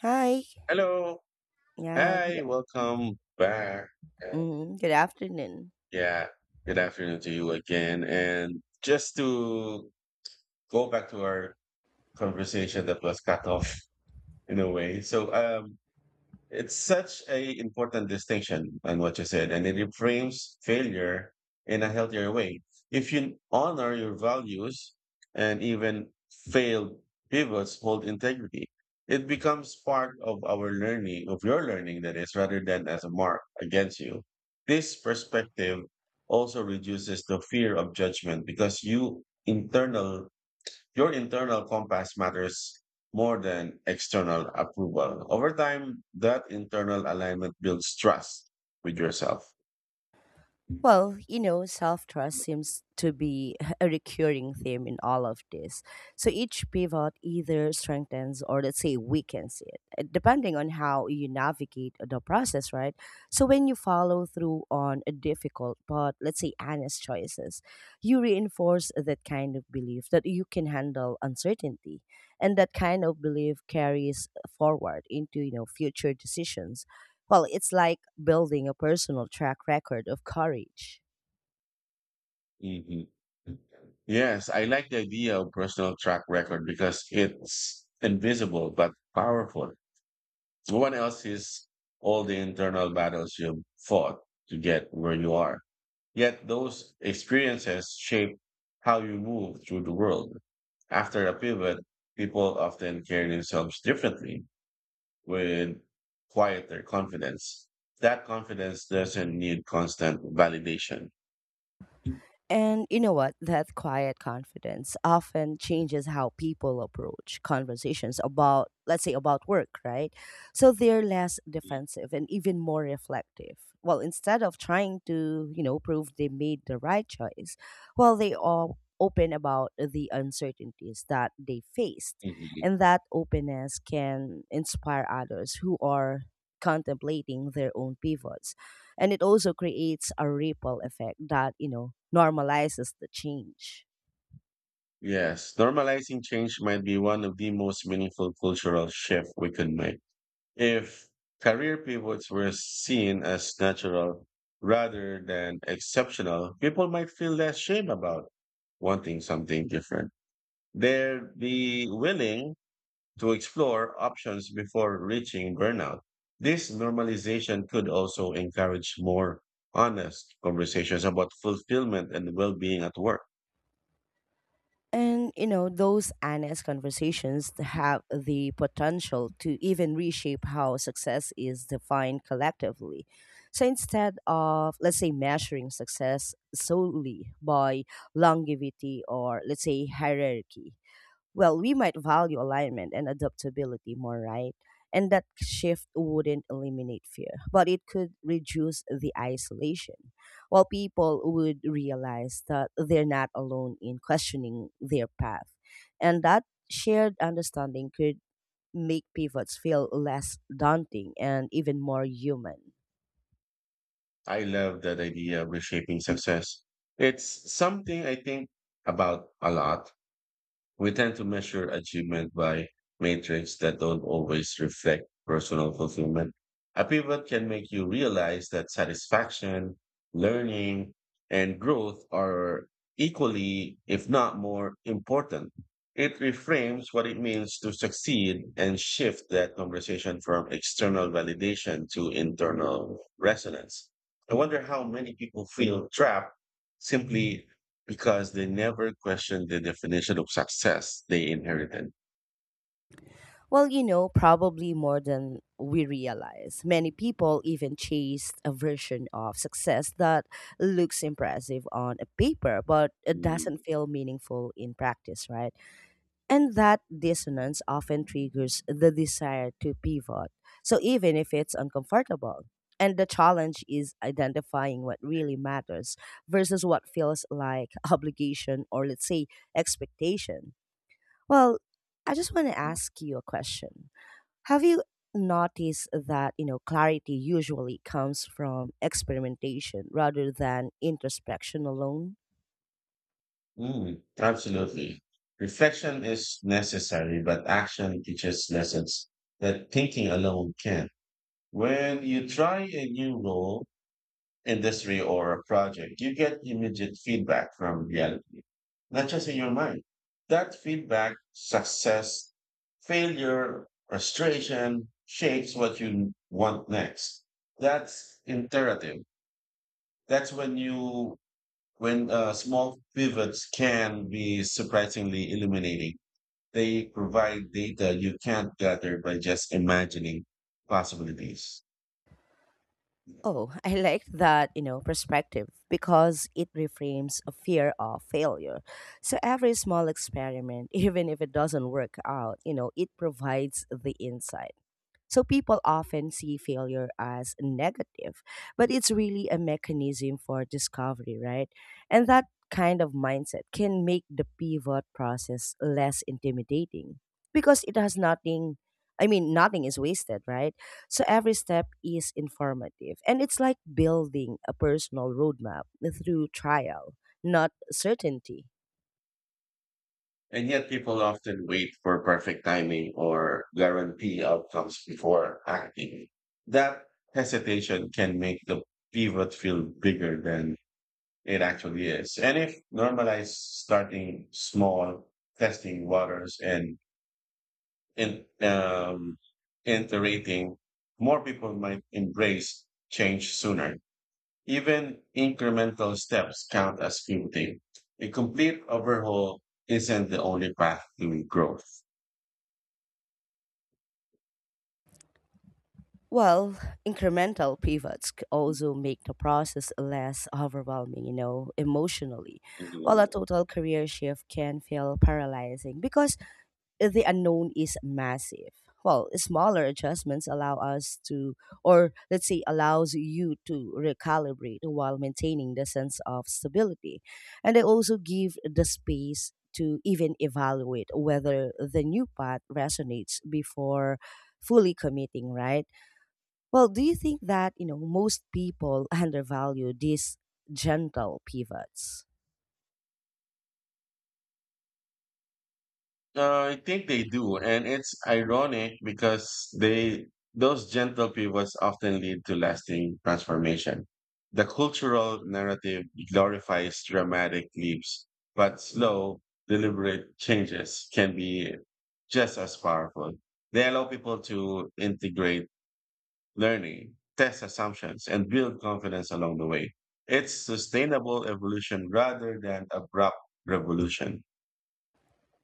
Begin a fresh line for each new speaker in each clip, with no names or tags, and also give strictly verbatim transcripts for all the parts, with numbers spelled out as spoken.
Hi.
Hello.
Yeah.
Hi.
Good,
Welcome back. Uh,
mm, good afternoon.
yeah. Good afternoon to you again. And just to go back to our conversation that was cut off in a way. So, um, It's such a important distinction on what you said, and it reframes failure in a healthier way. If you honor your values and even failed pivots hold integrity, it becomes part of our learning, of your learning, that is, rather than as a mark against you. This perspective also reduces the fear of judgment because you internal your internal compass matters more than external approval. Over time, that internal alignment builds trust with yourself.
Well, you know, self trust seems to be a recurring theme in all of this. So each pivot either strengthens or, let's say, weakens it, uh, depending on how you navigate the process, right? So when you follow through on a difficult but, let's say, honest choices, you reinforce that kind of belief that you can handle uncertainty. And that kind of belief carries forward into, you know, future decisions. Well, it's like building a personal track record of courage.
Hmm. Yes, I like the idea of personal track record because it's invisible but powerful. No one else sees all the internal battles you fought to get where you are. Yet those experiences shape how you move through the world. After a pivot, people often carry themselves differently. Would quiet their confidence. That confidence doesn't need constant validation.
And you know what? That quiet confidence often changes how people approach conversations about, let's say, about work, right? So they're less defensive and even more reflective. Well, instead of trying to, you know, prove they made the right choice, well, they are open about the uncertainties that they faced.
Mhm.
And that openness can inspire others who are contemplating their own pivots, and it also creates a ripple effect that you know normalizes the change.
Yes, normalizing change might be one of the most meaningful cultural shifts we can make. If career pivots were seen as natural rather than exceptional, people might feel less shame about wanting something different. They'd be willing to explore options before reaching burnout. This normalization could also encourage more honest conversations about fulfillment and well being at work.
And you know, those honest conversations have the potential to even reshape how success is defined collectively. So instead of, let's say, measuring success solely by longevity or, let's say, hierarchy, well, we might value alignment and adaptability more, right? And that shift wouldn't eliminate fear, but it could reduce the isolation. While people would realize that they're not alone in questioning their path. And that shared understanding could make pivots feel less daunting and even more human.
I love that idea of reshaping success. It's something I think about a lot. We tend to measure achievement by metrics that don't always reflect personal fulfillment. A pivot can make you realize that satisfaction, learning, and growth are equally, if not more, important. It reframes what it means to succeed and shift that conversation from external validation to internal resonance. I wonder how many people feel trapped simply because they never questioned the definition of success they inherited.
Well, you know, probably more than we realize. Many people even chase a version of success that looks impressive on a paper, but it
Mm,
doesn't feel meaningful in practice, right? And that dissonance often triggers the desire to pivot. So even if it's uncomfortable, and the challenge is identifying what really matters versus what feels like obligation or let's say expectation. Well, I just want to ask you a question, have you noticed that, you know, clarity usually comes from experimentation rather than introspection alone?
mm, absolutely. Reflection is necessary, but action teaches lessons that thinking alone can. When you try a new role, industry, or a project, you get immediate feedback from reality, not just in your mind. That feedback, success, failure, frustration, shapes what you want next. That's imperative. That's when you When uh, small pivots can be surprisingly illuminating. They provide data you can't gather by just imagining possibilities.
Oh, I like that, you know, perspective because it reframes a fear of failure. So every small experiment, even if it doesn't work out, you know, it provides the insight. So people often see failure as negative, but it's really a mechanism for discovery, right? And that kind of mindset can make the pivot process less intimidating because it has nothing I mean nothing is wasted, right? So every step is informative and it's like building a personal roadmap through trial, not certainty.
And yet people often wait for perfect timing or guarantee outcomes before acting. That hesitation can make the pivot feel bigger than it actually is. And if normalized starting small, testing waters and in, um, iterating, more people might embrace change sooner. Even incremental steps count as pivoting. A complete overhaul isn't the only path to growth.
Well, incremental pivots c- also make the process less overwhelming, you know, emotionally, while a total career shift can feel paralyzing because the unknown is massive. Well, smaller adjustments allow us to, or let's say, allows you to recalibrate while maintaining the sense of stability. And they also give the space to even evaluate whether the new path resonates before fully committing, right? Well, do you think that, you know, most people undervalue these gentle pivots?
Uh, I think they do, and it's ironic because they those gentle pivots often lead to lasting transformation. The cultural narrative glorifies dramatic leaps, but slow, deliberate changes can be just as powerful. They allow people to integrate learning, test assumptions, and build confidence along the way. It's sustainable evolution rather than abrupt revolution.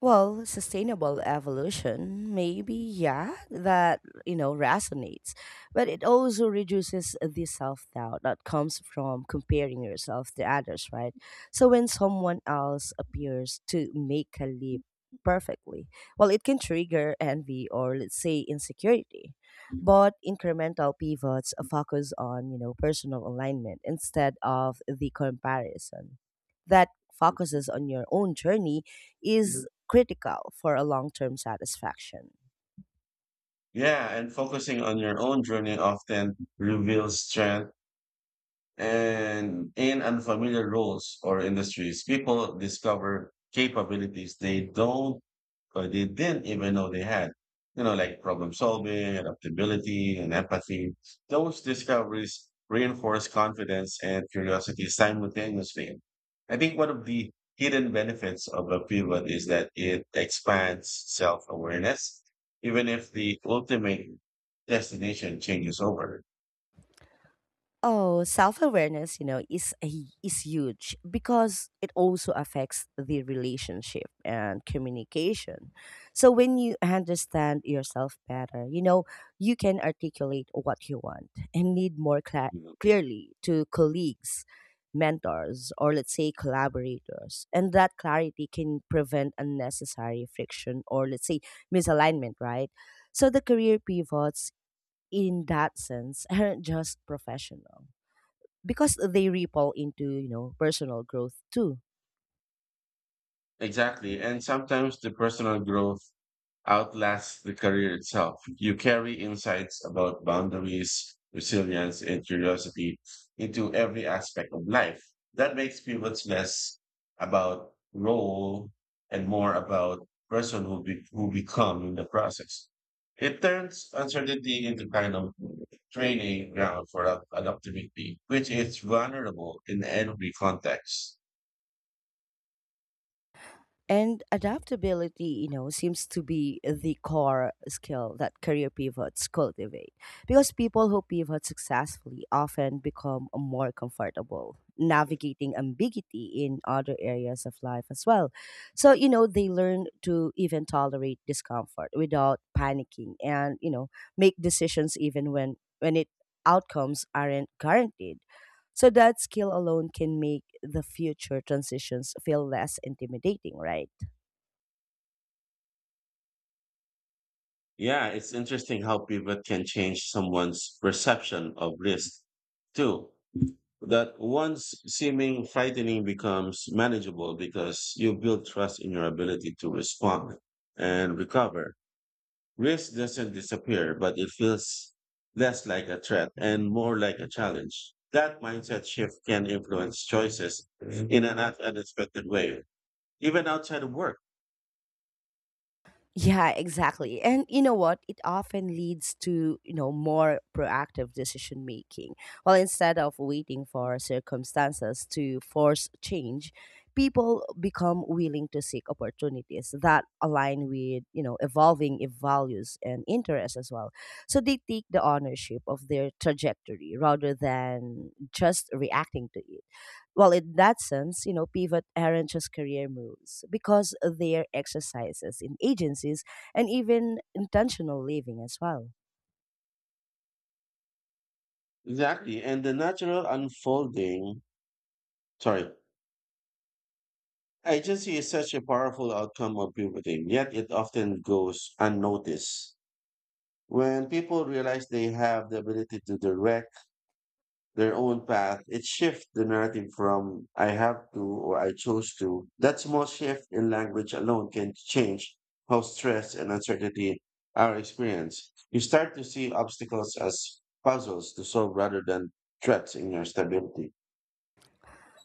Well, sustainable evolution, maybe, yeah, that, you know, resonates. But it also reduces the self doubt that comes from comparing yourself to others, right? So when someone else appears to make a leap perfectly, well, it can trigger envy or, let's say, insecurity. But incremental pivots focus on, you know, personal alignment instead of the comparison. That focuses on your own journey is critical for a long term satisfaction.
Yeah, and focusing on your own journey often reveals strength. And in unfamiliar roles or industries, people discover capabilities they don't or they didn't even know they had. You know, like problem solving, adaptability, and empathy. Those discoveries reinforce confidence and curiosity simultaneously. I think one of the hidden benefits of a pivot is that it expands self awareness, even if the ultimate destination changes over.
Oh, self-awareness, you know, is a, is huge because it also affects the relationship and communication. So when you understand yourself better, you know, you can articulate what you want and need more cla clearly to colleagues, mentors, or let's say collaborators. And that clarity can prevent unnecessary friction or let's say misalignment, right? So the career pivots in that sense aren't just professional because they ripple into, you know, personal growth too.
Exactly. And sometimes the personal growth outlasts the career itself. You carry insights about boundaries, resilience, and curiosity into every aspect of life. That makes pivots less about role and more about person who, be, who become in the process. It turns uncertainty into kind of training ground for adaptability, which is vulnerable in every context.
And adaptability, you know, seems to be the core skill that career pivots cultivate. Because people who pivot successfully often become more comfortable navigating ambiguity in other areas of life as well. So, you know, they learn to even tolerate discomfort without panicking and, you know, make decisions even when when it outcomes aren't guaranteed. So that skill alone can make the future transitions feel less intimidating, right?
Yeah, it's interesting how pivot can change someone's perception of risk too. That once seeming frightening becomes manageable because you build trust in your ability to respond and recover. Risk doesn't disappear, but it feels less like a threat and more like a challenge. That mindset shift can influence choices in an un- unexpected way, even outside of work.
Yeah, exactly. And you know what? It often leads to, you know, more proactive decision making. Well, instead of waiting for circumstances to force change, people become willing to seek opportunities that align with, you know, evolving if values and interests as well. So they take the ownership of their trajectory rather than just reacting to it. Well, in that sense, you know, pivot aren't just career moves because they are exercises in agencies and even intentional living as well.
Exactly. And the natural unfolding, sorry, Agency is such a powerful outcome of puberty, yet it often goes unnoticed. When people realize they have the ability to direct their own path, it shifts the narrative from I have to or I chose to. That small shift in language alone can change how stress and uncertainty are experienced. You start to see obstacles as puzzles to solve rather than threats in your stability.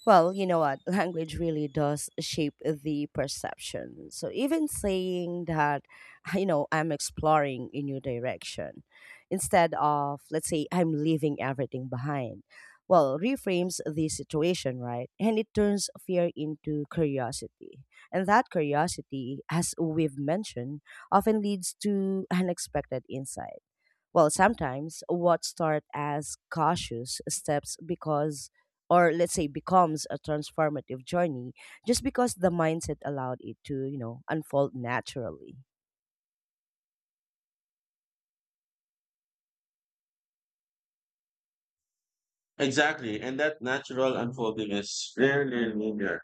Well, you know what? Language really does shape the perception. So even saying that, you know, I'm exploring a new direction instead of, let's say, I'm leaving everything behind, well, reframes the situation, right? And it turns fear into curiosity. And that curiosity, as we've mentioned, often leads to unexpected insights. Well, sometimes what start as cautious steps because or let's say becomes a transformative journey just because the mindset allowed it to, you know, unfold naturally.
Exactly, and that natural unfolding is rarely linear.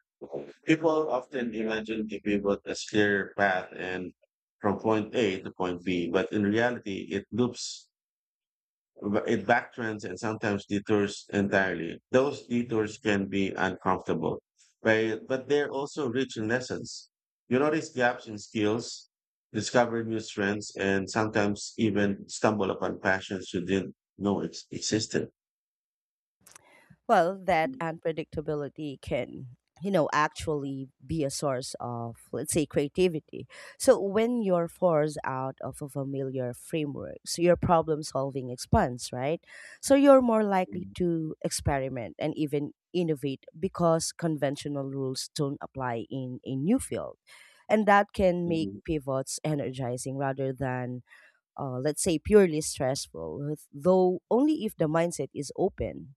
People often imagine the pivot as clear path and from point A to point B, but in reality, it loops, it backtrends, and sometimes detours entirely. Those detours can be uncomfortable, right? But they're also rich in lessons. You notice gaps in skills, discover new strengths, and sometimes even stumble upon passions you didn't know ex- existed.
Well, that unpredictability can, you know, actually be a source of, let's say, creativity. So when you're forced out of a familiar framework, so your problem solving expands, right? So you're more likely to experiment and even innovate because conventional rules don't apply in a new field. And that can make
Mhm.
pivots energizing rather than, uh, let's say, purely stressful, though only if the mindset is open.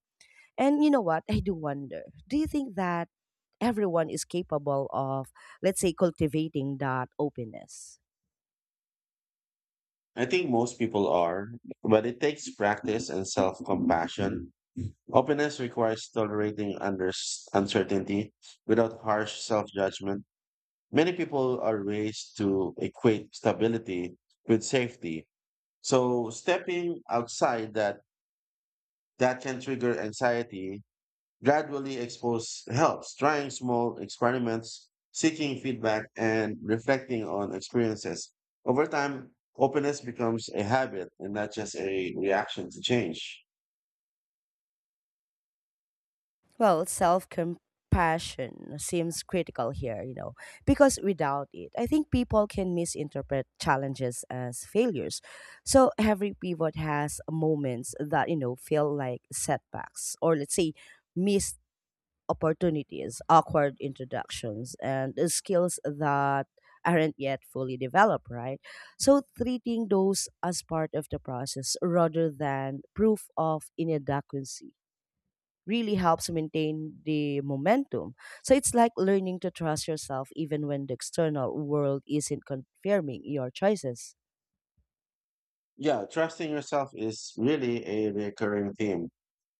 And you know what? I do wonder. Do you think that everyone is capable of, let's say, cultivating that openness?
I think most people are, but it takes practice and self compassion. Openness requires tolerating under- uncertainty without harsh self judgment. Many people are raised to equate stability with safety. So stepping outside that, that can trigger anxiety. Gradually expose helps, trying small experiments, seeking feedback, and reflecting on experiences. Over time, openness becomes a habit and not just a reaction to change.
Well, self compassion seems critical here, you know, because without it, I think people can misinterpret challenges as failures. So every pivot has moments that, you know, feel like setbacks or, let's say, missed opportunities, awkward introductions, and the skills that aren't yet fully developed, right? So treating those as part of the process rather than proof of inadequacy really helps maintain the momentum. So it's like learning to trust yourself even when the external world isn't confirming your choices.
Yeah, trusting yourself is really a recurring theme.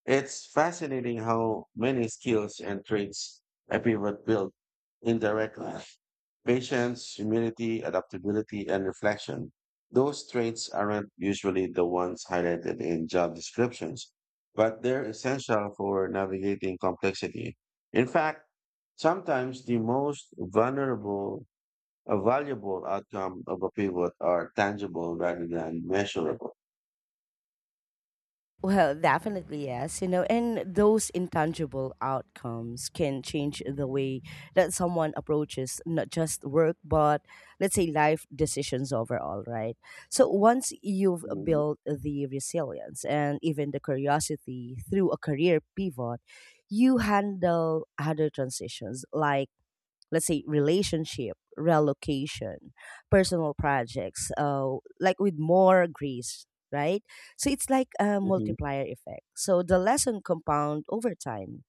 It's fascinating how many skills and traits a pivot built indirectly. Patience, humility, adaptability, and reflection. Those traits aren't usually the ones highlighted in job descriptions, but they're essential for navigating complexity. In fact, sometimes the most vulnerable, uh, valuable outcome of a pivot are tangible rather than measurable.
Well, definitely yes, you know, and those intangible outcomes can change the way that someone approaches not just work, but let's say life decisions overall, right? So once you've built the resilience and even the curiosity through a career pivot, you handle other transitions like let's say relationship relocation personal projects uh, like with more grace, right? So it's like a
Mhm.
multiplier effect, so the lesson compound over time.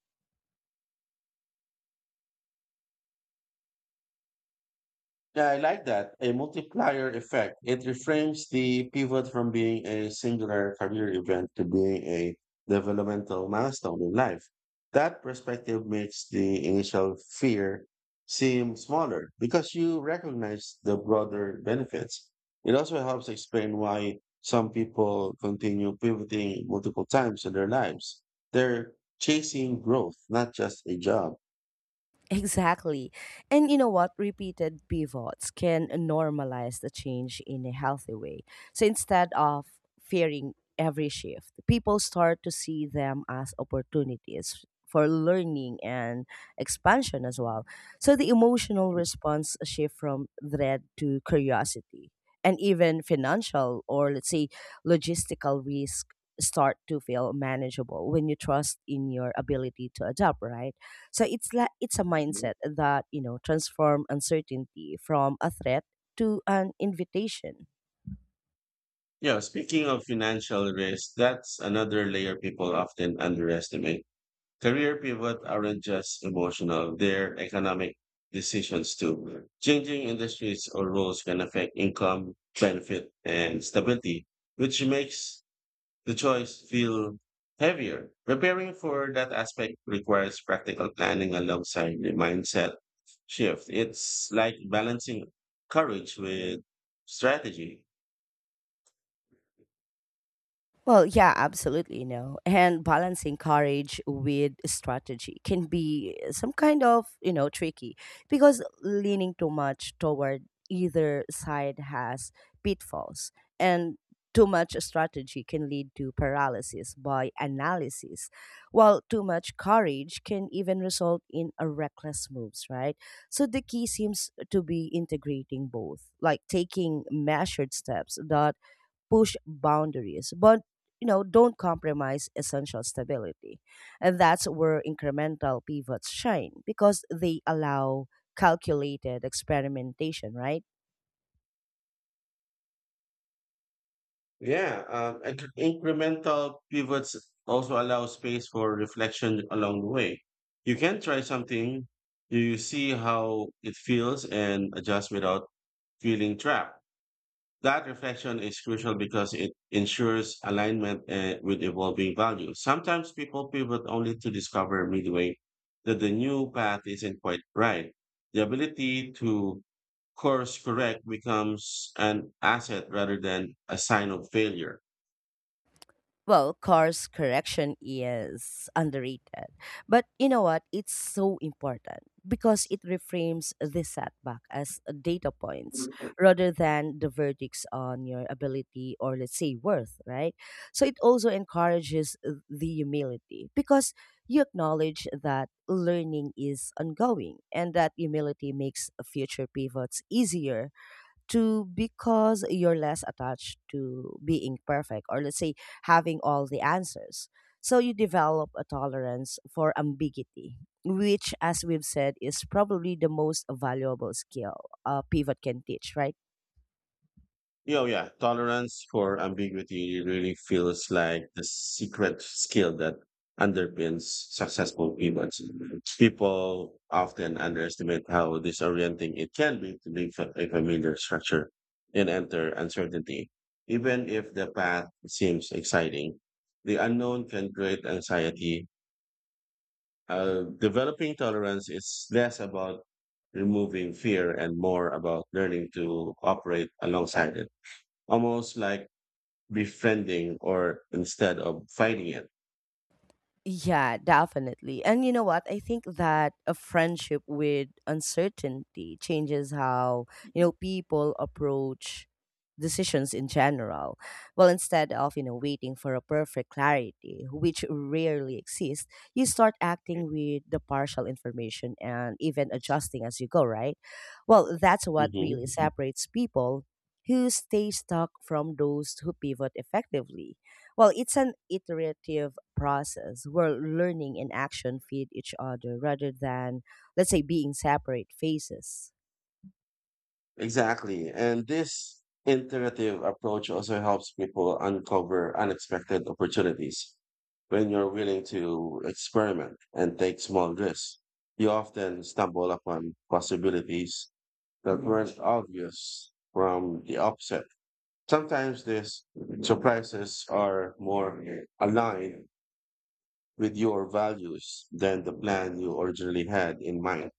Yeah, I like that. A multiplier effect. It reframes the pivot from being a singular career event to being a developmental milestone in life. That perspective makes the initial fear seem smaller because you recognize the broader benefits. It also helps explain why some people continue pivoting multiple times in their lives. They're chasing growth, not just a job.
Exactly. And you know what? Repeated pivots can normalize the change in a healthy way. So instead of fearing every shift, people start to see them as opportunities for learning and expansion as well. So the emotional response shift from dread to curiosity. And even financial or let's say logistical risk start to feel manageable when you trust in your ability to adapt, right? So it's like it's a mindset that you know transform uncertainty from a threat to an invitation.
Yeah, speaking of financial risk, that's another layer people often underestimate. Career pivot aren't just emotional, they're economic decisions too. Changing industries or roles can affect income, benefit, and stability, which makes the choice feel heavier. Preparing for that aspect requires practical planning alongside the mindset shift. It's like balancing courage with strategy.
Well, yeah, absolutely, you know. And balancing courage with strategy can be some kind of, you know, tricky because leaning too much toward either side has pitfalls. And too much strategy can lead to paralysis by analysis, while too much courage can even result in a reckless moves, right? So the key seems to be integrating both, like taking measured steps that push boundaries, but you know, don't compromise essential stability. And that's where incremental pivots shine because they allow calculated experimentation, right?
Yeah, um, and incremental pivots also allow space for reflection along the way. You can try something, you see how it feels, and adjust without feeling trapped. That reflection is crucial because it ensures alignment uh, with evolving values. Sometimes people pivot only to discover midway that the new path isn't quite right. The ability to course correct becomes an asset rather than a sign of failure.
Well, course correction is underrated. But you know what? It's so important because it reframes the setback as data points rather than the verdicts on your ability or, let's say, worth, right? So it also encourages the humility because you acknowledge that learning is ongoing and that humility makes future pivots easier to because you're less attached to being perfect or let's say having all the answers. So you develop a tolerance for ambiguity, which, as we've said, is probably the most valuable skill a pivot can teach, right?
Yeah, Oh yeah, tolerance for ambiguity really feels like the secret skill that underpins successful pivots. People often underestimate how disorienting it can be to leave a a familiar structure and enter uncertainty. Even if the path seems exciting, the unknown can create anxiety. Uh, developing tolerance is less about removing fear and more about learning to operate alongside it. Almost like befriending or instead of fighting it.
Yeah, definitely. And you know what? I think that a friendship with uncertainty changes how, you know, people approach decisions in general. Well, instead of, you know, waiting for a perfect clarity, which rarely exists, you start acting with the partial information and even adjusting as you go, right? Well, that's what really
Mhm.
separates people who stay stuck from those who pivot effectively, well, it's an iterative process where learning and action feed each other rather than, let's say, being separate phases.
Exactly. And this iterative approach also helps people uncover unexpected opportunities. When you're willing to experiment and take small risks, you often stumble upon possibilities that weren't obvious from the outset. Sometimes these surprises are more aligned with your values than the plan you originally had in mind.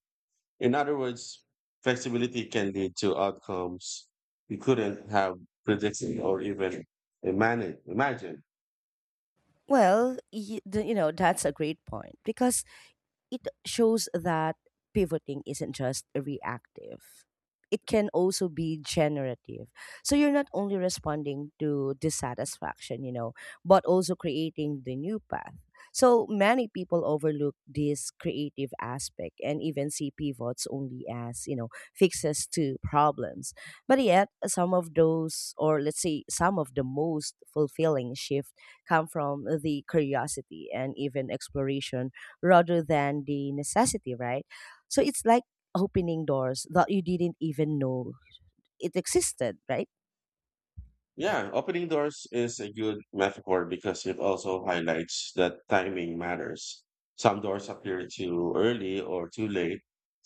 In other words, flexibility can lead to outcomes you couldn't have predicted or even imagine. Imagine.
Well, y- the- you know, that's a great point because it shows that pivoting isn't just reactive. It can also be generative. So you're not only responding to dissatisfaction, you know, but also creating the new path. So many people overlook this creative aspect and even see pivots only as, you know, fixes to problems. But yet, some of those, or let's say, some of the most fulfilling shift come from the curiosity and even exploration rather than the necessity, right? So it's like opening doors that you didn't even know it existed, right?
Yeah, opening doors is a good metaphor because it also highlights that timing matters. Some doors appear too early or too late,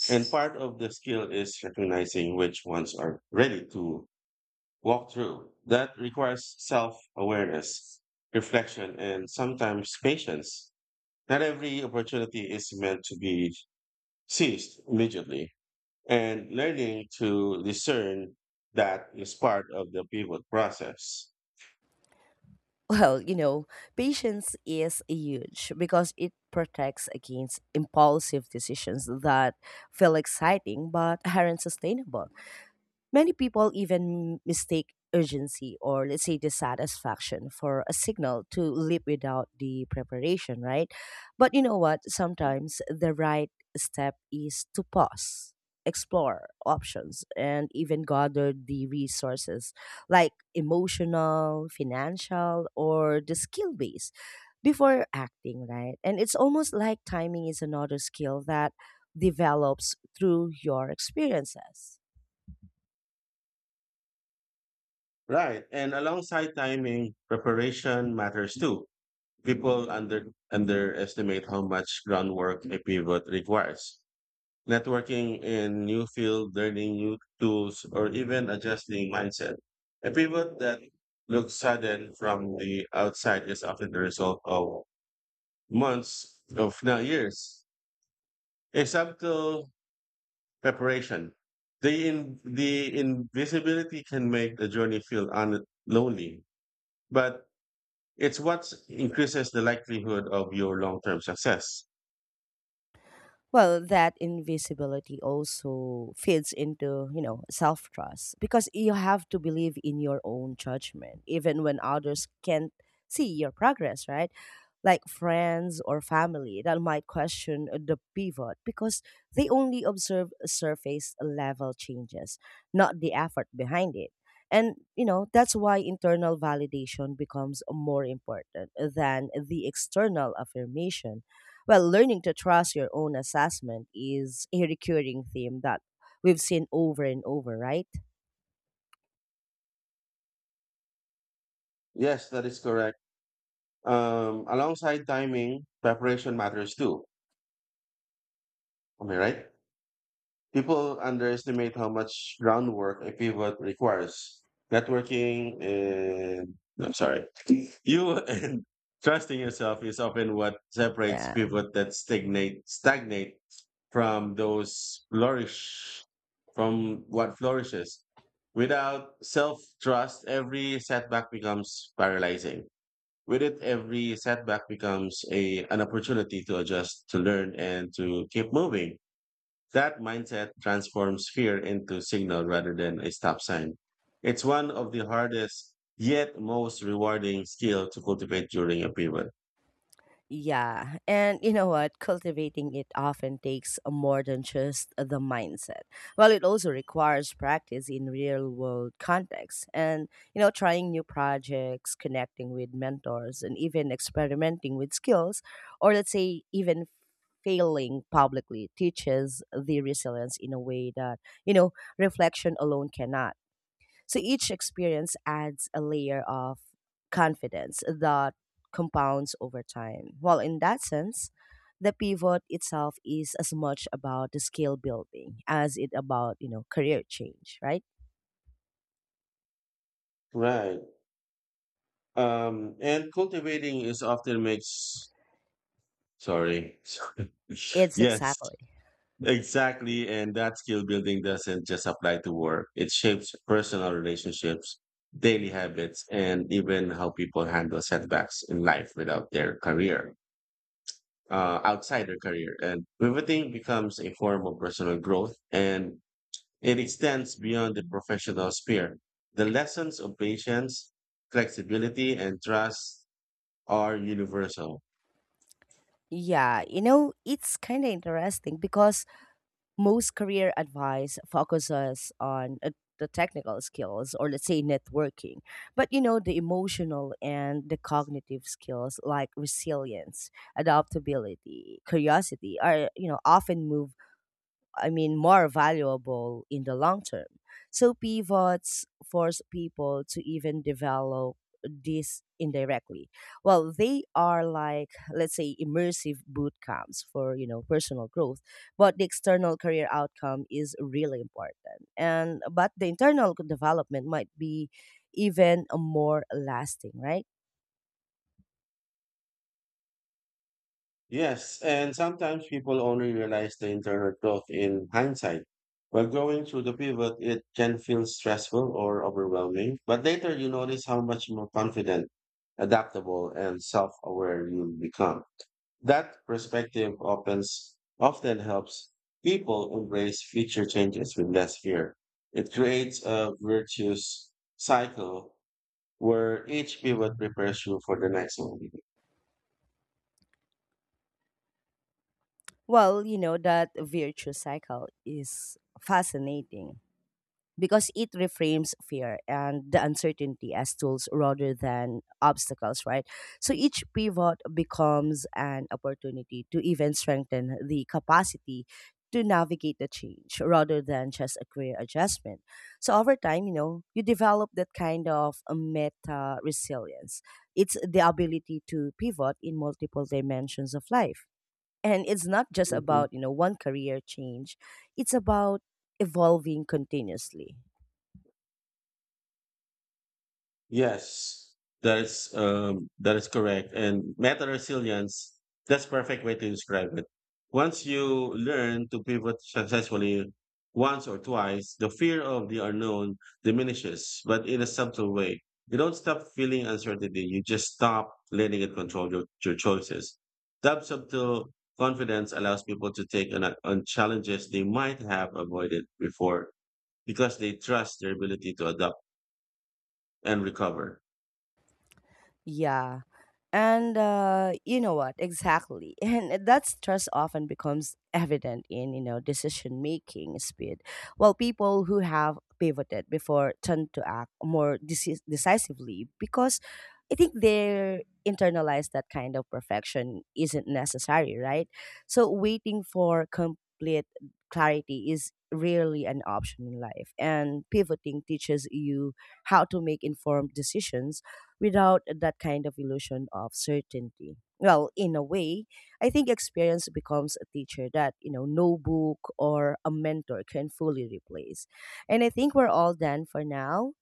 and part of the skill is recognizing which ones are ready to walkthrough that requires self awareness, reflection, and sometimes patience. Not every opportunity is meant to be seized immediately, and learning to discern that is part of the pivot process.
Well, you know, patience is huge because it protects against impulsive decisions that feel exciting but aren't sustainable. Many people even mistake urgency or let's say dissatisfaction for a signal to leap without the preparation, right? But you know what? Sometimes the right step is to pause, explore options, and even gather the resources like emotional, financial, or the skill base before acting, right? And it's almost like timing is another skill that develops through your experiences.
Right, and alongside timing, preparation matters too. People under underestimate how much groundwork a pivot requires networking in new field, learning new tools, or even adjusting mindset. A pivot that looks sudden from the outside is often the result of months of now years. A subtle preparation. The in, the invisibility can make the journey feel un- lonely, but it's what increases the likelihood of your long-term success.
Well, that invisibility also feeds into, you know, self trust because you have to believe in your own judgment, even when others can't see your progress, right? Like friends or family that might question the pivot because they only observe surface level changes, not the effort behind it. And, you know, that's why internal validation becomes more important than the external affirmation, well, learning to trust your own assessment is a recurring theme that we've seen over and over, right?
Yes, that is correct. Um, alongside timing, preparation matters too. Am I right? People underestimate how much groundwork a pivot requires. Networking and no, I'm sorry, you and Trusting yourself is often what separates pivot that stagnate stagnate from those flourish from what flourishes. Without self trust, every setback becomes paralyzing. With it, every setback becomes a an opportunity to adjust, to learn, and to keep moving that mindset transforms fear into signal rather than a stop sign. It's one of the hardest yet most rewarding skill to cultivate during a pivot.
Yeah. And you know what? Cultivating it often takes more than just the mindset. Well, it also requires practice in real world contexts and, you know, trying new projects, connecting with mentors, and even experimenting with skills, or let's say, even failing publicly teaches the resilience in a way that, you know, reflection alone cannot. So each experience adds a layer of confidence that compounds over time. Well, in that sense, the pivot itself is as much about the skill building as it about, you know, career change, right?
Right. Um, and cultivating is often makes sorry. sorry.
It's
yes,
exactly.
exactly. And that skill building doesn't just apply to work. It shapes personal relationships, daily habits, and even how people handle setbacks in life without their career. Uh, outside their career. And pivoting becomes a form of personal growth and it extends beyond the professional sphere. The lessons of patience, flexibility, and trust are universal.
Yeah, you know, it's kind of interesting because most career advice focuses on uh, the technical skills, or let's say, networking, but you know, the emotional and the cognitive skills like resilience, adaptability, curiosity are, you know, often move, I mean, more valuable in the long term. So pivots force people to even develop this indirectly. Well, they are like, let's say, immersive boot camps for, you know, personal growth, but the external career outcome is really important. And, but the internal development might be even more lasting, right?
Yes, and sometimes people only realize the internal growth in hindsight. While going through the pivot, it can feel stressful or overwhelming, but later you notice how much more confident, adaptable, and self aware you become. That perspective opens, often helps people embrace future changes with less fear. It creates a virtuous cycle where each pivot prepares you for the next one.
Well, you know, that virtue cycle is fascinating, because it reframes fear and the uncertainty as tools rather than obstacles, right? So each pivot becomes an opportunity to even strengthen the capacity to navigate the change rather than just a career adjustment. So over time, you know, you develop that kind of a meta resilience. It's the ability to pivot in multiple dimensions of life, and it's not just about, you know, one career change, it's about evolving continuously.
Yes, that is um, that is correct. And meta resilience, that's perfect way to describe it. Once you learn to pivot successfully once or twice, the fear of the unknown diminishes, but in a subtle way. You don't stop feeling uncertainty. You just stop letting it control your, your choices. That subtle confidence allows people to take on, on challenges they might have avoided before because they trust their ability to adapt and recover.
Yeah. And uh, you know what? Exactly. And that stress often becomes evident in, you know, decision making speed. While people who have pivoted before tend to act more deci- decisively because I think they're internalized that kind of perfection isn't necessary, right? So waiting for complete clarity is rarely an option in life. And pivoting teaches you how to make informed decisions without that kind of illusion of certainty. Well, in a way, I think experience becomes a teacher that, you know, no book or a mentor can fully replace. And I think we're all done for now.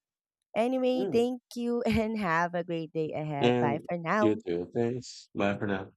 Anyway, thank you, and have a great day ahead. Bye
And
for
you
now.
too. Thanks. Bye for now.